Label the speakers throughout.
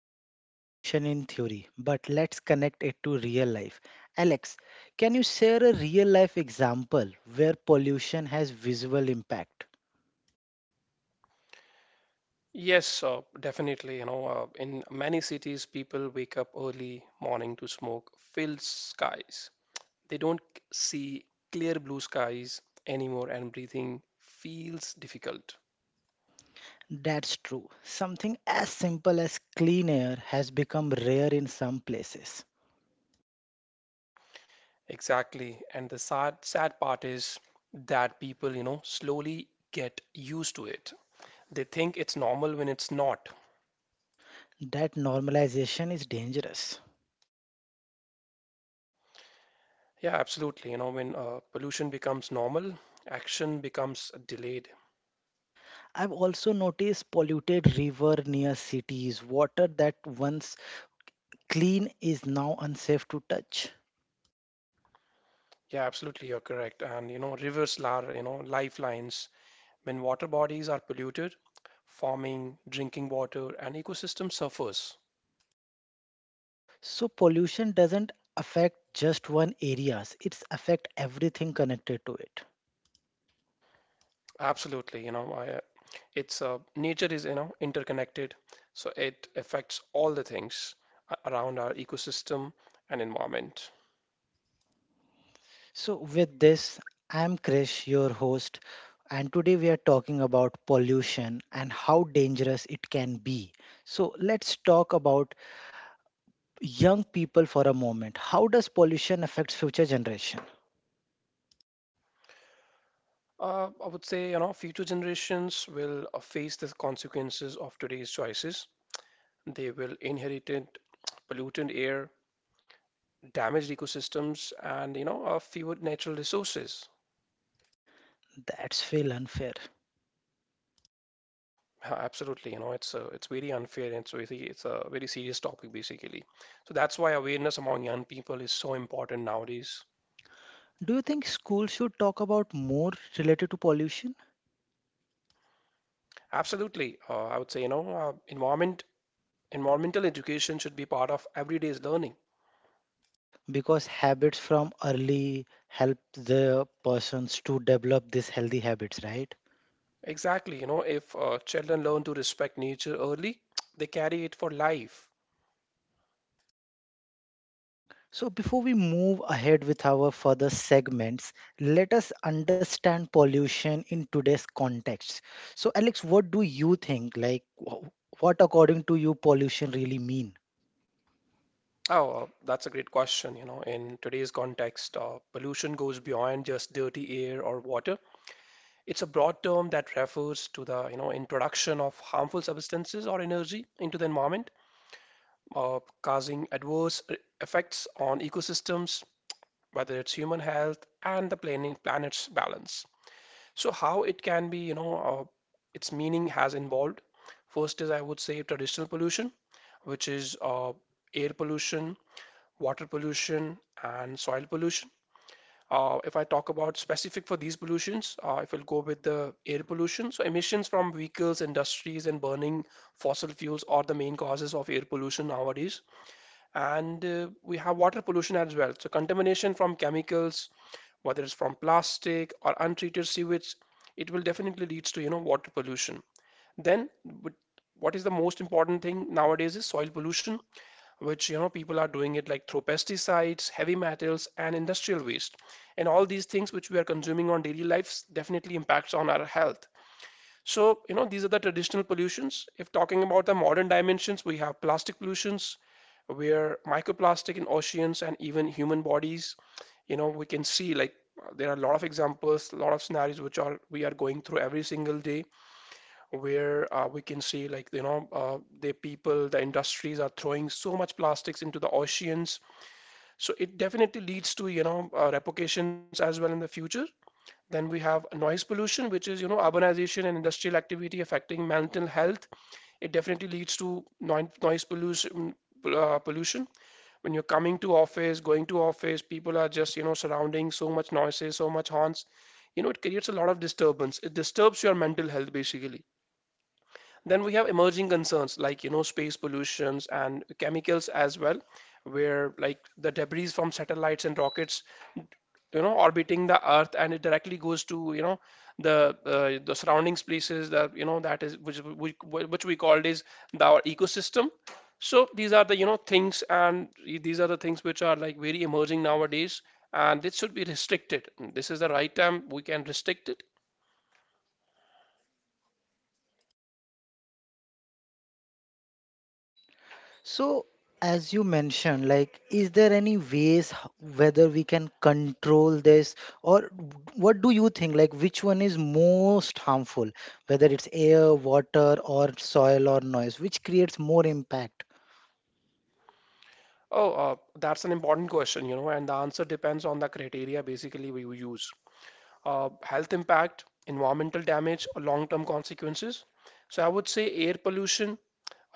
Speaker 1: talked about pollution in theory, but let's connect it to real life. Alex, can you share a real life example where pollution has visual impact?
Speaker 2: Yes, definitely. In many cities, people wake up early morning to smoke filled skies. They don't see clear blue skies anymore, and breathing feels difficult.
Speaker 1: That's true. Something as simple as clean air has become rare in some places.
Speaker 2: Exactly. And the sad part is that people, slowly get used to it. They think it's normal when it's not.
Speaker 1: That normalization is dangerous.
Speaker 2: Yeah, absolutely. You know, when pollution becomes normal, action becomes delayed.
Speaker 1: I've also noticed polluted river near cities, water that once clean is now unsafe to touch.
Speaker 2: Yeah, absolutely, you're correct. And you know, rivers are, lifelines. When water bodies are polluted, farming, drinking water, and ecosystem suffers.
Speaker 1: So pollution doesn't affect just one areas, it's affect everything connected to it.
Speaker 2: Absolutely, you know, I, it's nature is, interconnected, so it affects all the things around our ecosystem and environment.
Speaker 1: So with this, I'm Krish, your host, and today we are talking about pollution and how dangerous it can be. So let's talk about young people for a moment. How does pollution affect future generation?
Speaker 2: I would say, future generations will face the consequences of today's choices. They will inherit polluted air, damaged ecosystems and a few natural resources.
Speaker 1: That's feel unfair.
Speaker 2: Absolutely, it's very unfair and so it's a very serious topic basically. So that's why awareness among young people is so important nowadays.
Speaker 1: Do you think schools should talk about more related to pollution?
Speaker 2: Absolutely, I would say environmental education should be part of everyday's learning.
Speaker 1: Because habits from early help the persons to develop these healthy habits, right?
Speaker 2: Exactly, if children learn to respect nature early, they carry it for life.
Speaker 1: So before we move ahead with our further segments, let us understand pollution in today's context. So Alex, what do you think, like what according to you pollution really mean?
Speaker 2: Oh, that's a great question. You know, in today's context, pollution goes beyond just dirty air or water. It's a broad term that refers to the, introduction of harmful substances or energy into the environment, causing adverse effects on ecosystems, whether it's human health and the planet's balance. So how it can be, its meaning has involved. First is, I would say, traditional pollution, which is air pollution, water pollution, and soil pollution. If I talk about specific for these pollutions, if I'll go with the air pollution, so emissions from vehicles, industries, and burning fossil fuels are the main causes of air pollution nowadays. And we have water pollution as well. So contamination from chemicals, whether it's from plastic or untreated sewage, it will definitely leads to water pollution. But what is the most important thing nowadays is soil pollution which people are doing it like through pesticides, heavy metals, and industrial waste. And all these things which we are consuming on daily lives definitely impacts on our health. So, you know, these are the traditional pollutions. If talking about the modern dimensions, we have plastic pollutions, where microplastic in oceans and even human bodies, we can see like there are a lot of examples, a lot of scenarios which are we are going through every single day where we can see like the industries are throwing so much plastics into the oceans, so it definitely leads to repercussions as well in the future. Then we have noise pollution, which is, you know, urbanization and industrial activity affecting mental health. It definitely leads to noise pollution when you're coming to office, going to office, people are just, you know, surrounding so much noises, so much horns. You know, it creates a lot of disturbance, it disturbs your mental health basically. Then we have emerging concerns like, you know, space pollutions and chemicals as well, where like the debris from satellites and rockets, you know, orbiting the Earth, and it directly goes to, the surrounding places that, that is which we called is the, our ecosystem. So these are the, things, and these are the things which are like very emerging nowadays, and this should be restricted. This is the right time we can restrict it.
Speaker 1: So, as you mentioned, like, is there any ways whether we can control this, or what do you think? Like, which one is most harmful, whether it's air, water, or soil or noise, which creates more impact?
Speaker 2: Oh, that's an important question, you know, and the answer depends on the criteria basically we use. Health impact, environmental damage, or long-term consequences. So I would say air pollution,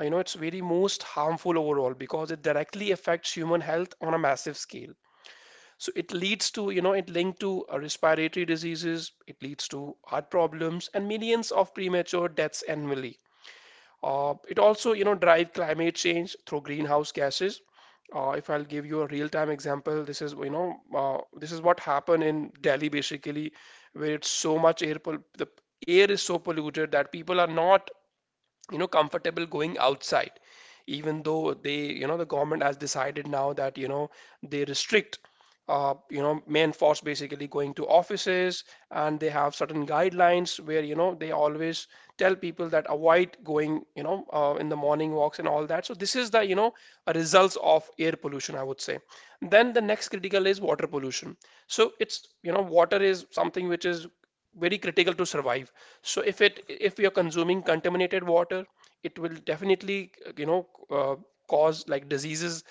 Speaker 2: it's very most harmful overall because it directly affects human health on a massive scale. So it leads to, it linked to respiratory diseases, it leads to heart problems and millions of premature deaths annually. It also, drive climate change through greenhouse gases. If I'll give you a real-time example, this is, this is what happened in Delhi basically, where it's so much air, pol the air is so polluted that people are not, you know, comfortable going outside, even though they, you know, the government has decided now that, you know, they restrict, you know, men force basically going to offices, and they have certain guidelines where, you know, they always tell people that avoid going, in the morning walks and all that. So this is the, you know, a results of air pollution, I would say. Then the next critical is water pollution. So it's, you know, water is something which is very critical to survive. So if it, if you're consuming contaminated water, it will definitely, cause like diseases.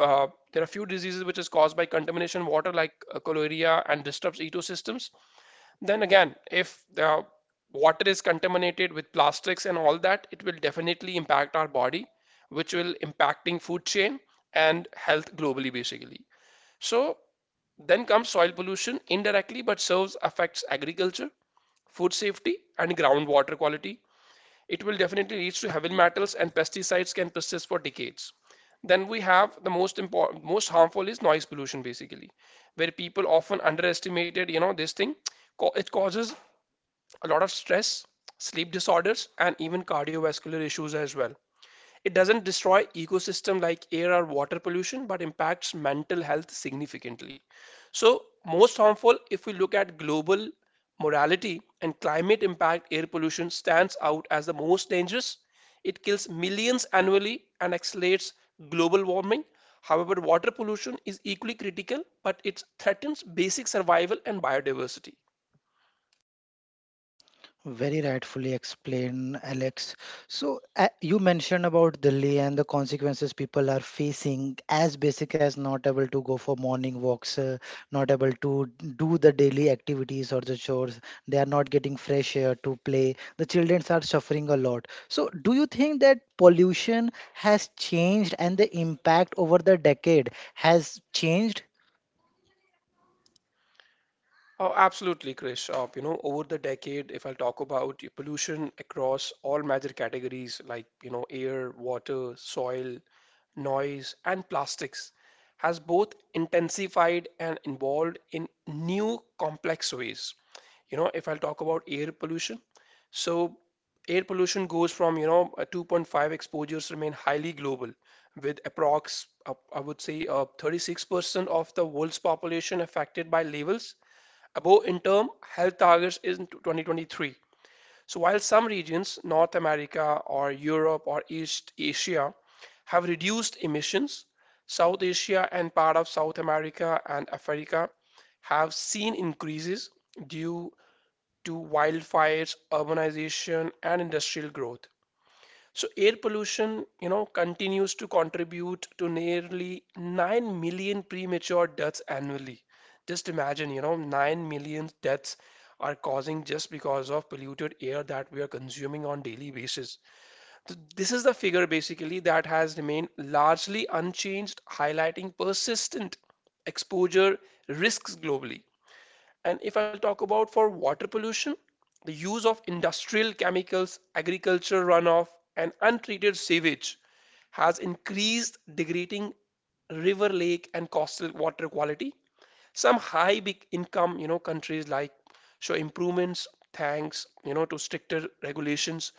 Speaker 2: There are few diseases which is caused by contamination water like cholera and disturbs ecosystems. Then again, if the water is contaminated with plastics and all that, it will definitely impact our body, which will impacting food chain and health globally basically. So then comes soil pollution indirectly but serves affects agriculture, food safety, and groundwater quality. It will definitely lead to heavy metals and pesticides can persist for decades. Then we have the most important, most harmful is noise pollution basically, where people often underestimated, you know, this thing. It causes a lot of stress, sleep disorders, and even cardiovascular issues as well. It doesn't destroy ecosystem like air or water pollution, but impacts mental health significantly. So, most harmful if we look at global morality and climate impact, air pollution stands out as the most dangerous. It kills millions annually and accelerates global warming. However, water pollution is equally critical, but it threatens basic survival and biodiversity.
Speaker 1: Very rightfully explained, Alex. So, you mentioned about Delhi and the consequences people are facing, as basic as not able to go for morning walks, not able to do the daily activities or the chores. They are not getting fresh air to play. The children are suffering a lot. So, do you think that pollution has changed and the impact over the decade has changed?
Speaker 2: Oh, absolutely, Chris. You know, over the decade, if I'll talk about pollution across all major categories like, you know, air, water, soil, noise, and plastics, has both intensified and involved in new complex ways. You know, if I'll talk about air pollution, so air pollution goes from, 2.5 exposures remain highly global, with approx, I would say, 36% of the world's population affected by levels above interim health targets is in 2023. So while some regions, North America or Europe or East Asia, have reduced emissions, South Asia and part of South America and Africa have seen increases due to wildfires, urbanization, and industrial growth. So air pollution, you know, continues to contribute to nearly 9 million premature deaths annually. Just imagine, you know, 9 million deaths are causing just because of polluted air that we are consuming on daily basis. This is the figure basically that has remained largely unchanged, highlighting persistent exposure risks globally. And if I'll talk about for water pollution, the use of industrial chemicals, agriculture runoff, and untreated sewage has increased degrading river, lake, and coastal water quality. Some high big income, you know, countries like show improvements thanks, you know, to stricter regulations.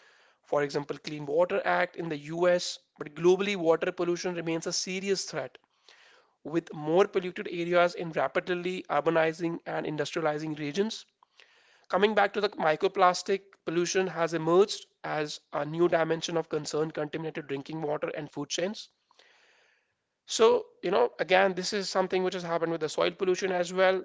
Speaker 2: For example, Clean Water Act in the US, but globally water pollution remains a serious threat with more polluted areas in rapidly urbanizing and industrializing regions. Coming back to the microplastic, pollution has emerged as a new dimension of concern contaminated drinking water and food chains. So, you know, again, this is something which has happened with the soil pollution as well,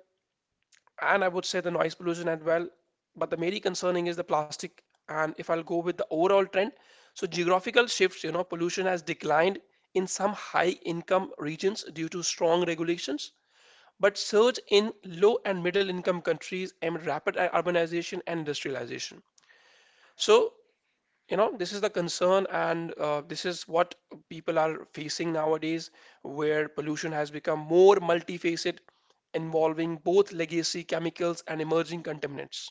Speaker 2: and I would say the noise pollution as well. But the mainly concerning is the plastic. And if I'll go with the overall trend, so geographical shifts, you know, pollution has declined in some high income regions due to strong regulations but surge in low and middle income countries amid rapid urbanization and industrialization. So, you know, this is the concern, and this is what people are facing nowadays, where pollution has become more multifaceted, involving both legacy chemicals and emerging contaminants.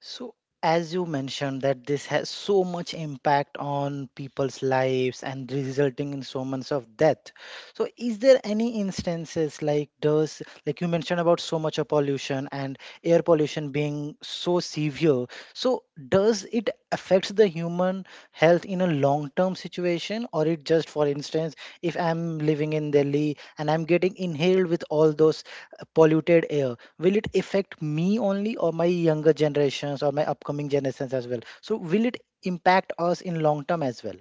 Speaker 1: So, as you mentioned, that this has so much impact on people's lives and resulting in so much of death. So, is there any instances like does like you mentioned about so much of pollution and air pollution being so severe? So, does it affect the human health in a long-term situation, or it just, for instance, if I'm living in Delhi and I'm getting inhaled with all those polluted air, will it affect me only or my younger generations or my upcoming generations as well? So will it impact us in long term as well?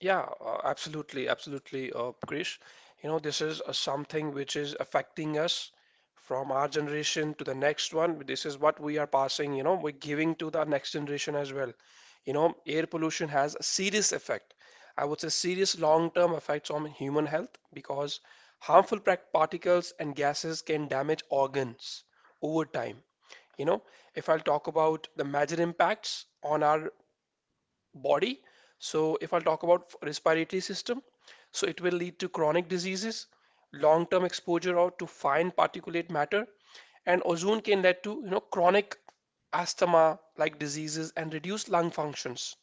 Speaker 2: Yeah, absolutely, absolutely, Krish. You know, this is something which is affecting us from our generation to the next one. This is what we are passing, you know, we're giving to the next generation as well. You know, air pollution has a serious effect. I would say serious long-term effects on human health because harmful particles and gases can damage organs over time. You know, if I'll talk about the major impacts on our body. So if I talk about respiratory system, so it will lead to chronic diseases, long-term exposure out to fine particulate matter, and ozone can lead to you know chronic asthma like diseases and reduced lung functions.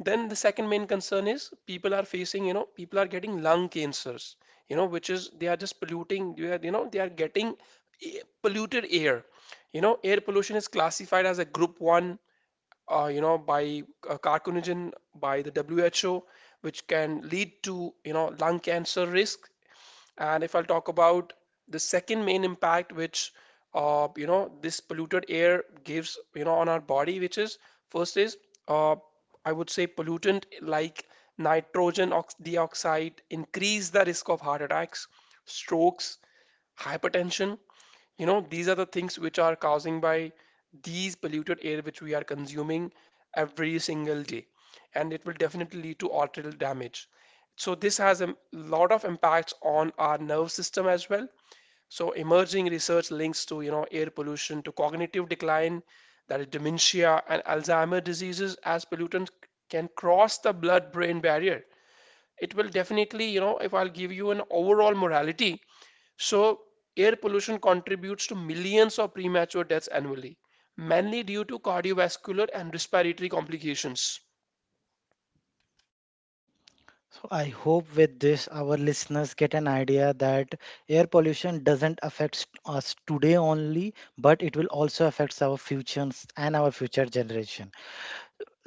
Speaker 2: Then the second main concern is people are facing, people are getting lung cancers, which is they are just polluting, they are getting polluted air. You know, air pollution is classified as a group 1 by carcinogen by the WHO, which can lead to, lung cancer risk. And if I'll talk about the second main impact, which this polluted air gives, on our body, which is first is uh, I would say pollutant like nitrogen ox dioxide increase the risk of heart attacks, strokes, hypertension. You know, these are the things which are causing by these polluted air which we are consuming every single day, and it will definitely lead to arterial damage. So this has a lot of impacts on our nerve system as well. So emerging research links to, air pollution to cognitive decline, that is dementia and Alzheimer diseases as pollutants can cross the blood-brain barrier. It will definitely, if I'll give you an overall morality, so air pollution contributes to millions of premature deaths annually, mainly due to cardiovascular and respiratory complications.
Speaker 1: So I hope with this our listeners get an idea that air pollution doesn't affect us today only, but it will also affect our futures and our future generation.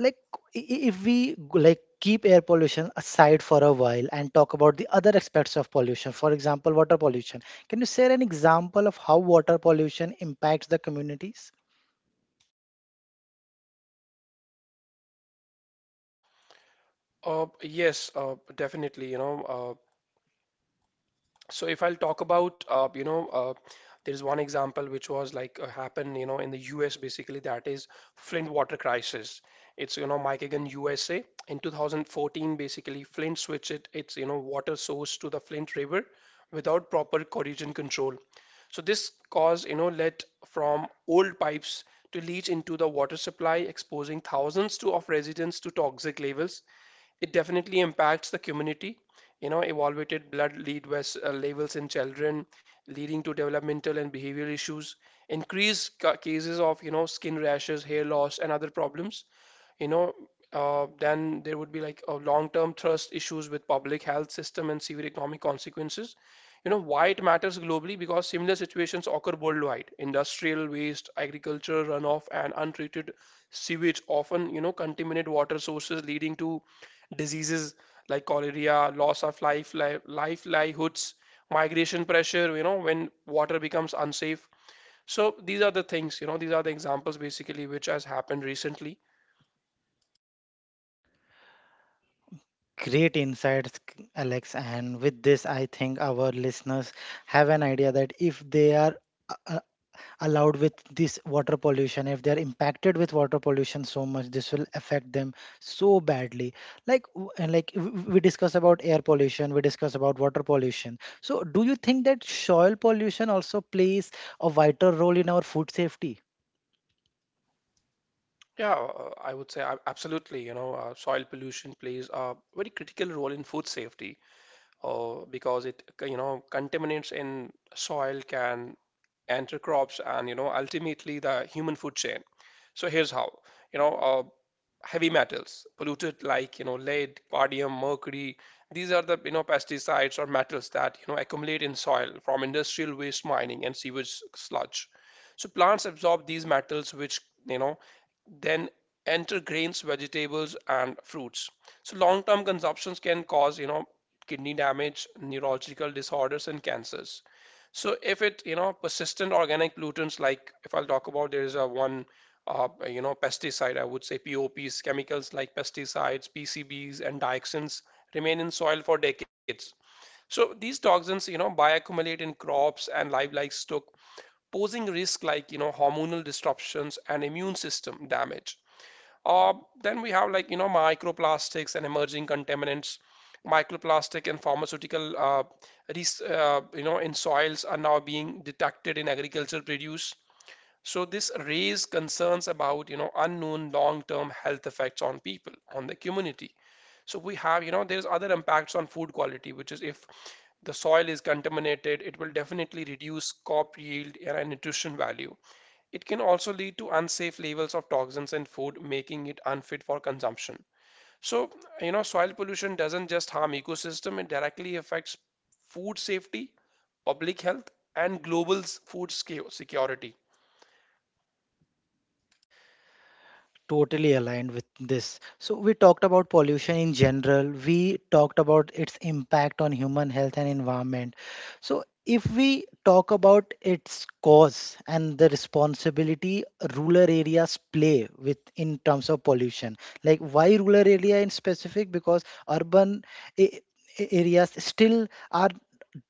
Speaker 1: Like, if like keep air pollution aside for a while and talk about the other aspects of pollution, for example water pollution, can you share an example of how water pollution impacts the communities?
Speaker 2: Yes, definitely, so if I'll talk about, there's one example which was like happened, in the US, basically. That is Flint water crisis. It's, Michigan, USA. In 2014, basically, Flint switched it, its, water source to the Flint River without proper corrosion control. So this caused, lead from old pipes to leach into the water supply, exposing thousands to, of residents to toxic levels. It definitely impacts the community. You know, elevated blood lead was, levels in children, leading to developmental and behavioral issues, increased cases of, skin rashes, hair loss, and other problems. You know, then there would be like long-term trust issues with public health system and severe economic consequences. You know, why it matters globally, because similar situations occur worldwide. Industrial waste, agriculture runoff, and untreated sewage often, contaminate water sources, leading to diseases like cholera, loss of life, livelihoods, migration pressure, when water becomes unsafe. So these are the things, these are the examples basically which has happened recently.
Speaker 1: Great insights, Alex. And with this I think our listeners have an idea that if they are uh, allowed with this water pollution, if they're impacted with water pollution so much, this will affect them so badly. Like, and like we discuss about air pollution, we discuss about water pollution, so do you think that soil pollution also plays a vital role in our food safety?
Speaker 2: Yeah, I would say absolutely. Soil pollution plays a very critical role in food safety, because, it you know contaminants in soil can enter crops and, ultimately the human food chain. So here's how. you know uh, Heavy metals, polluted like, lead, cadmium, mercury. These are the, pesticides or metals that, accumulate in soil from industrial waste mining and sewage sludge. So plants absorb these metals, which, you know, then enter grains, vegetables, and fruits. So long-term consumptions can cause, kidney damage, neurological disorders, and cancers. So if it, persistent organic pollutants, like if I'll talk about, there is a one pesticide, I would say POPs, chemicals like pesticides, PCBs, and dioxins remain in soil for decades. So these toxins, bioaccumulate in crops and livestock, stock, posing risk like, hormonal disruptions and immune system damage. Uh, then we have like, microplastics and emerging contaminants. Microplastic and pharmaceutical, in soils are now being detected in agriculture produce, so this raised concerns about, unknown long-term health effects on people, on the community. So we have, there's other impacts on food quality, which is, if the soil is contaminated, it will definitely reduce crop yield and nutrition value. It can also lead to unsafe levels of toxins in food, making it unfit for consumption. So, soil pollution doesn't just harm ecosystem, it directly affects food safety, public health, and global food security.
Speaker 1: Totally aligned with this. So, we talked about pollution in general, we talked about its impact on human health and environment. So, if we talk about its cause and the responsibility rural areas play with in terms of pollution, like why rural area in specific? Because urban a- areas still are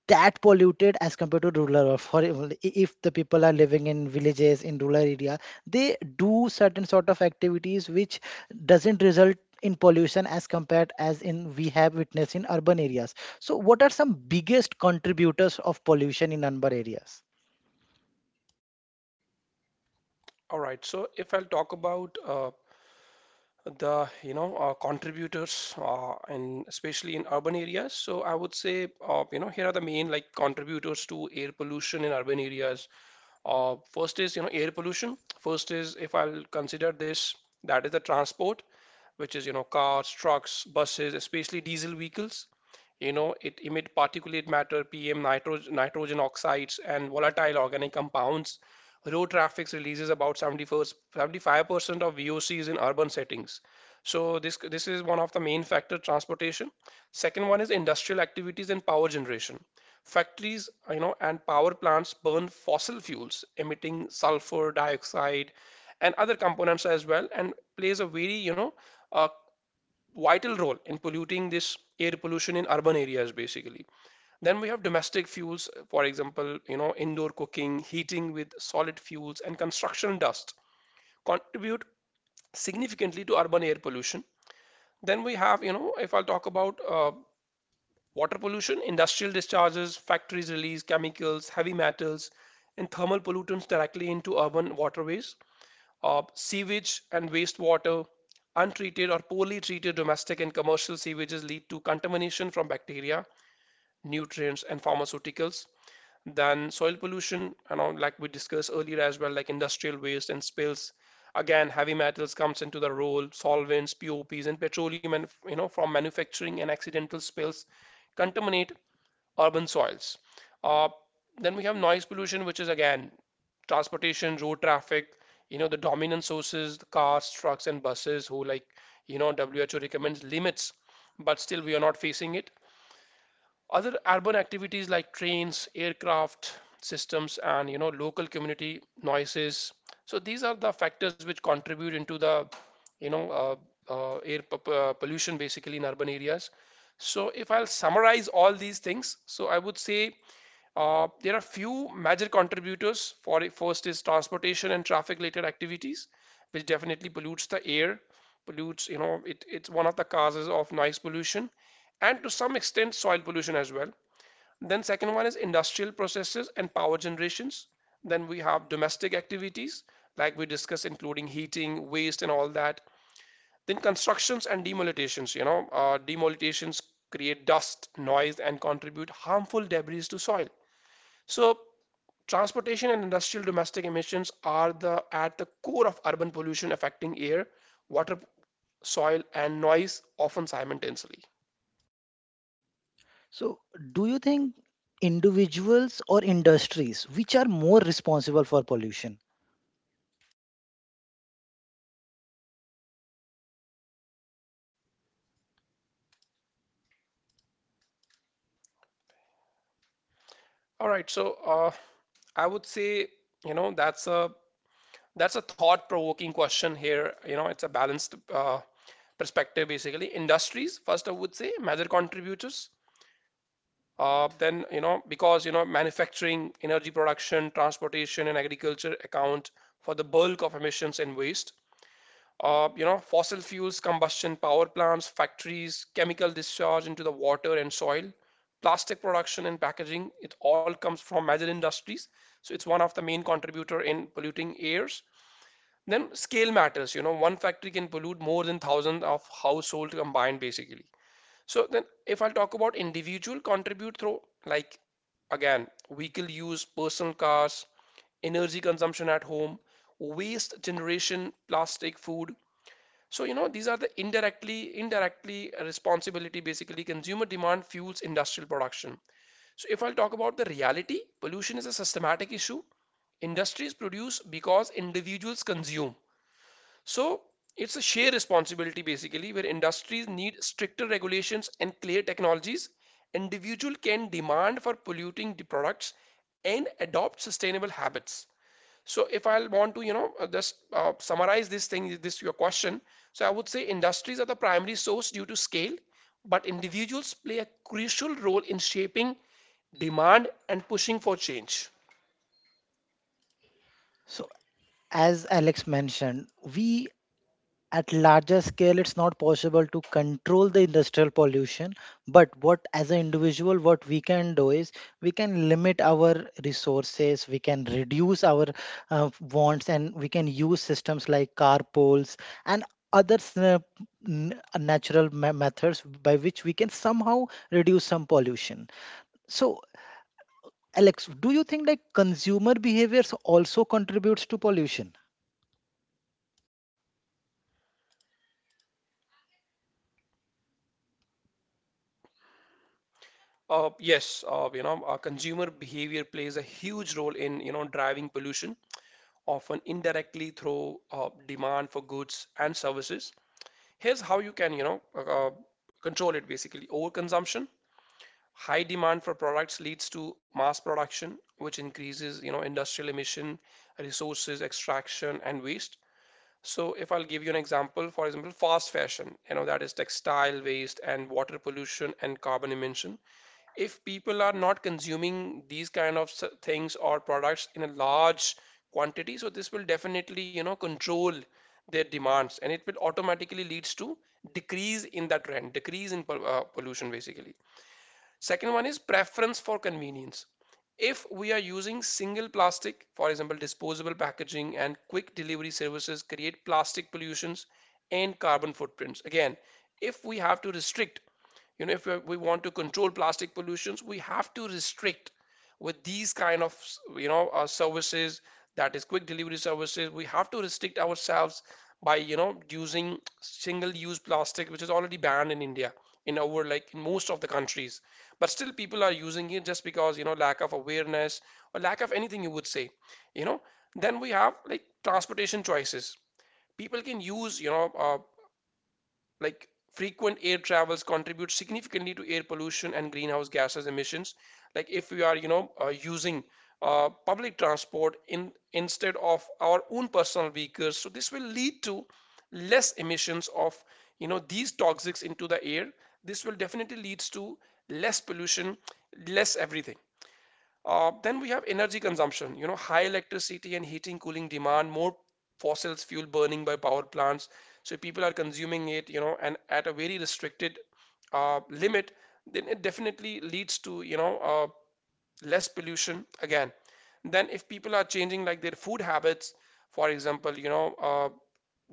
Speaker 1: that polluted as compared to rural or, for example, if the people are living in villages in rural area, they do certain sort of activities which doesn't result in pollution as compared as in we have witnessed in urban areas. So what are some biggest contributors of pollution in urban areas?
Speaker 2: All right. So if I'll talk about the, contributors, and especially in urban areas, so I would say, here are the main like contributors to air pollution in urban areas. First is, air pollution. First is, if I'll consider this, that is the transport, which is, cars, trucks, buses, especially diesel vehicles. You know, it emit particulate matter, PM, nitrogen, nitrogen oxides, and volatile organic compounds. Road traffic releases about 75% of VOCs in urban settings. So this is one of the main factor, transportation. Second one is industrial activities and power generation. Factories, and power plants burn fossil fuels, emitting sulfur dioxide and other components as well, and plays a very, you know, a vital role in polluting this air pollution in urban areas basically. Then we have domestic fuels, for example, indoor cooking, heating with solid fuels, and construction dust contribute significantly to urban air pollution. Then we have, if I'll talk about water pollution. Industrial discharges, factories release chemicals, heavy metals, and thermal pollutants directly into urban waterways. Sewage and wastewater, untreated or poorly treated domestic and commercial sewages lead to contamination from bacteria, nutrients, and pharmaceuticals. Then soil pollution, and all, like we discussed earlier as well, like industrial waste and spills. Again, heavy metals comes into the role, solvents, POPs, and petroleum, and, from manufacturing and accidental spills contaminate urban soils. Uh, then we have noise pollution, which is again transportation, road traffic, the dominant sources, the cars, trucks, and buses, who like, WHO recommends limits, but still we are not facing it. Other urban activities like trains, aircraft systems, and, local community noises. So these are the factors which contribute into the, you know, uh, air pollution basically in urban areas. So if I'll summarize all these things, so I would say, there are few major contributors for. First is transportation and traffic related activities, which definitely pollutes the air, pollutes, it's one of the causes of noise pollution, and to some extent soil pollution as well. Then second one is industrial processes and power generations. Then we have domestic activities like we discussed, including heating, waste, and all that. Then constructions and demolitions, demolitions create dust, noise, and contribute harmful debris to soil. So transportation and industrial domestic emissions are the at the core of urban pollution affecting air, water, soil, and noise, often simultaneously.
Speaker 1: So do you think individuals or industries which are more responsible for pollution?
Speaker 2: All right, so, I would say, you know, that's a that's a thought-provoking question here. You know, it's a balanced perspective basically. Industries, first I would say, major contributors. Then, manufacturing, energy production, transportation, and agriculture account for the bulk of emissions and waste. Fossil fuels, combustion, power plants, factories, chemical discharge into the water and soil, plastic production and packaging, it all comes from major industries. So it's one of the main contributor in polluting airs. Then scale matters, you know, one factory can pollute more than thousands of households combined basically. So then if I'll talk about individual contribute through, like, again, vehicle use, personal cars, energy consumption at home, waste generation, plastic, food, so, these are the indirectly, indirectly responsibility. Basically, consumer demand fuels industrial production. So, if I'll talk about the reality, pollution is a systematic issue. Industries produce because individuals consume. So, it's a shared responsibility basically, where industries need stricter regulations and clear technologies. Individual can demand for polluting the products and adopt sustainable habits. So if I want to, just summarize this thing, this your question, so I would say industries are the primary source due to scale, but individuals play a crucial role in shaping demand and pushing for change.
Speaker 1: So as Alex mentioned, we at larger scale it's not possible to control the industrial pollution, but what as an individual what we can do is we can limit our resources, we can reduce our wants, and we can use systems like carpools and other natural methods by which we can somehow reduce some pollution. So Alex, do you think like consumer behaviors also contributes to pollution?
Speaker 2: Yes, consumer behavior plays a huge role in, driving pollution, often indirectly through demand for goods and services. Here's how you can, control it basically. Overconsumption. High demand for products leads to mass production, which increases, industrial emission, resources extraction, and waste. So if I'll give you an example, for example, fast fashion, you know, that is textile waste and water pollution and carbon emission. If people are not consuming these kind of things or products in a large quantity, so this will definitely, control their demands and it will automatically leads to decrease in that trend, decrease in pollution basically. Second one is preference for convenience. If we are using single plastic, for example, disposable packaging and quick delivery services create plastic pollutions and carbon footprints. Again, if we have to restrict, if we want to control plastic pollutions, we have to restrict with these kind of, services, that is quick delivery services. We have to restrict ourselves by, using single-use plastic, which is already banned in India, in over like in most of the countries. But still, people are using it just because, lack of awareness or lack of anything you would say, you know. Then we have like transportation choices people can use like frequent air travels contribute significantly to air pollution and greenhouse gases emissions. Like if we are, using public transport in instead of our own personal vehicles, so this will lead to less emissions of, these toxics into the air. This will definitely leads to less pollution, less everything. Then we have energy consumption, high electricity and heating, cooling demand, more fossil fuel burning by power plants. So people are consuming it, and at a very restricted limit, then it definitely leads to, less pollution again. Then if people are changing like their food habits, for example,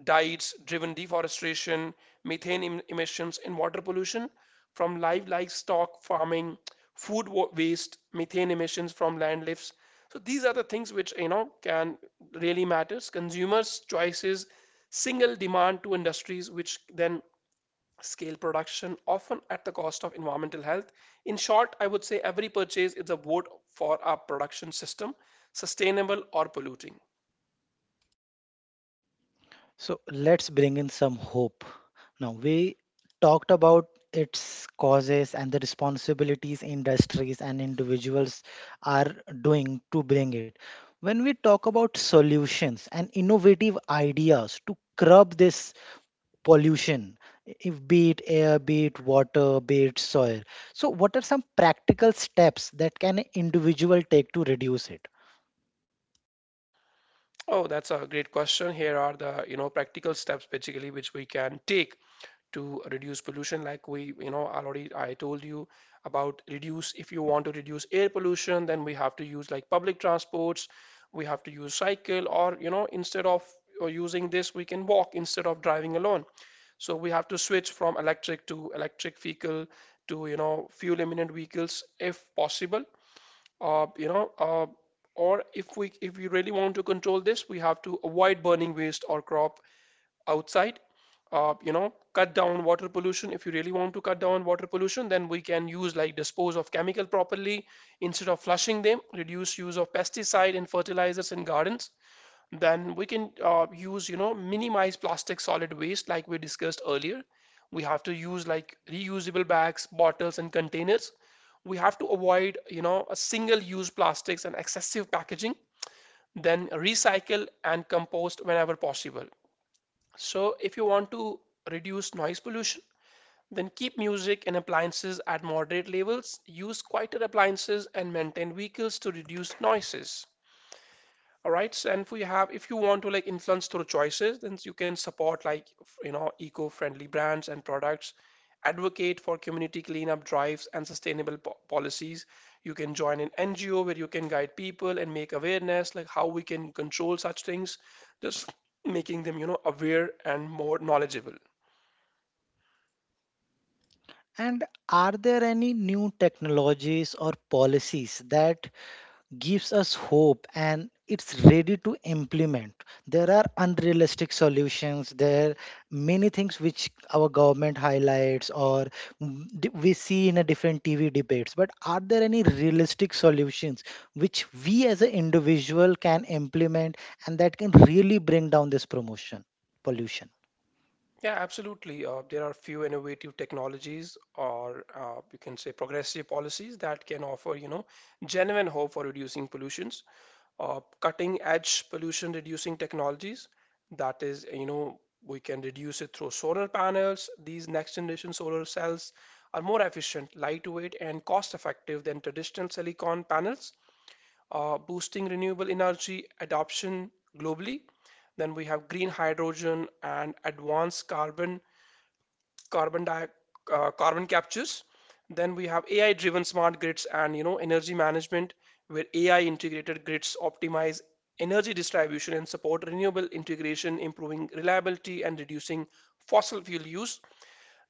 Speaker 2: diets driven deforestation, emissions and water pollution from livestock farming, waste, methane emissions from land lifts. So these are the things which, you know, can really matters consumers choices, single demand to industries, which then scale production, often at the cost of environmental health. In short, I would say every purchase is a vote for our production system, sustainable or polluting.
Speaker 1: So let's bring in some hope. Now, we talked about its causes and the responsibilities industries and individuals are doing to bring it. When we talk about solutions and innovative ideas to curb this pollution, if be it air, be it water, be it soil. So, what are some practical steps that can an individual take to reduce it?
Speaker 2: Oh, that's a great question. Here are the, practical steps basically which we can take to reduce pollution. Like we, already I told you about reduce. If you want to reduce air pollution, then we have to use like public transports, we have to use cycle, or instead of or using this, we can walk instead of driving alone. So we have to switch from electric to electric vehicle to, fuel eminent vehicles if possible. uh, you know uh, or if we really want to control this, we have to avoid burning waste or crop outside. Cut down water pollution. If you really want to cut down water pollution, then we can use like dispose of chemical properly instead of flushing them. Reduce use of pesticide and fertilizers in gardens. Then we can use, minimize plastic solid waste like we discussed earlier. We have to use like reusable bags, bottles, and containers. We have to avoid, a single-use plastics and excessive packaging. Then recycle and compost whenever possible. So, if you want to reduce noise pollution, then keep music and appliances at moderate levels, use quieter appliances, and maintain vehicles to reduce noises. All right, so, and if we have, if you want to like influence through choices, then you can support like, eco-friendly brands and products, advocate for community cleanup drives and policies. You can join an ngo where you can guide people and make awareness like how we can control such things, just making them, aware and more knowledgeable.
Speaker 1: And are there any new technologies or policies that gives us hope and it's ready to implement? There are unrealistic solutions, there are many things which our government highlights or we see in a different TV debates, but are there any realistic solutions which we as an individual can implement and that can really bring down this promotion pollution?
Speaker 2: Yeah, absolutely. There are few innovative technologies, or you can say progressive policies that can offer, genuine hope for reducing pollutions. Cutting edge pollution reducing technologies, that is, we can reduce it through solar panels. These next generation solar cells are more efficient, lightweight, and cost effective than traditional silicon panels, boosting renewable energy adoption globally. Then we have green hydrogen and advanced carbon carbon di carbon captures. Then we have AI-driven smart grids and, energy management, where AI integrated grids optimize energy distribution and support renewable integration, improving reliability and reducing fossil fuel use.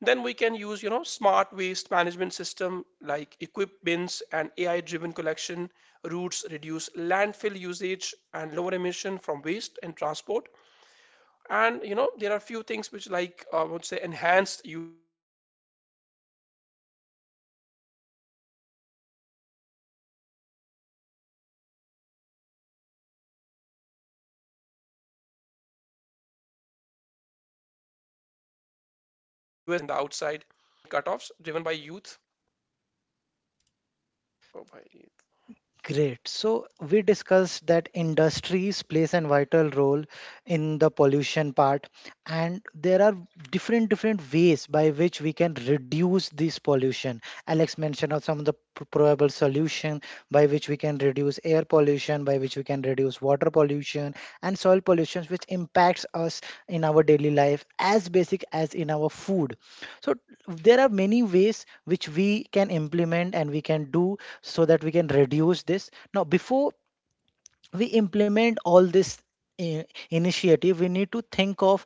Speaker 2: Then we can use, smart waste management system like equip bins and AI-driven collection routes reduce landfill usage and lower emission from waste and transport. And, there are few things which like I would say enhanced US clean clear standards. Like, there are few rules which are implemented in the outside. So these are the things basically which we can intimate and, uh, making the market laws and emerging and cutoffs driven by youth. Oh, by
Speaker 1: Great. So we discussed that industries plays a vital role in the pollution part, and there are different different ways by which we can reduce this pollution. Alex mentioned of some of the probable solution by which we can reduce air pollution, by which we can reduce water pollution and soil pollution, which impacts us in our daily life as basic as in our food. So there are many ways which we can implement and we can do so that we can reduce this. Now before we implement all this i- initiative, we need to think of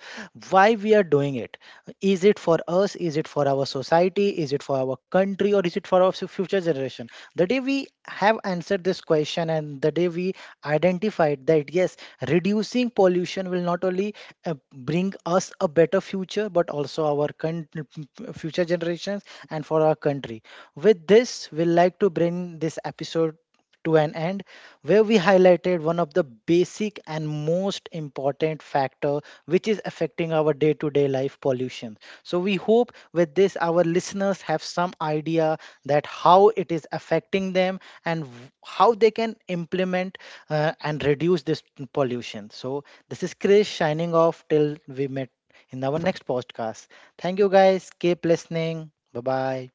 Speaker 1: why we are doing it. Is it for us, is it for our society, is it for our country, or is it for our future generation? The day we have answered this question and the day we identified that yes, reducing pollution will not only bring us a better future but also our future generations and for our country. With this we'll like to bring this episode to an end, where we highlighted one of the basic and most important factor which is affecting our day-to-day life, pollution. So we hope with this our listeners have some idea that how it is affecting them and how they can implement and reduce this pollution. So this is Chris shining off till we met in our next podcast. Thank you guys. Keep listening. Bye bye.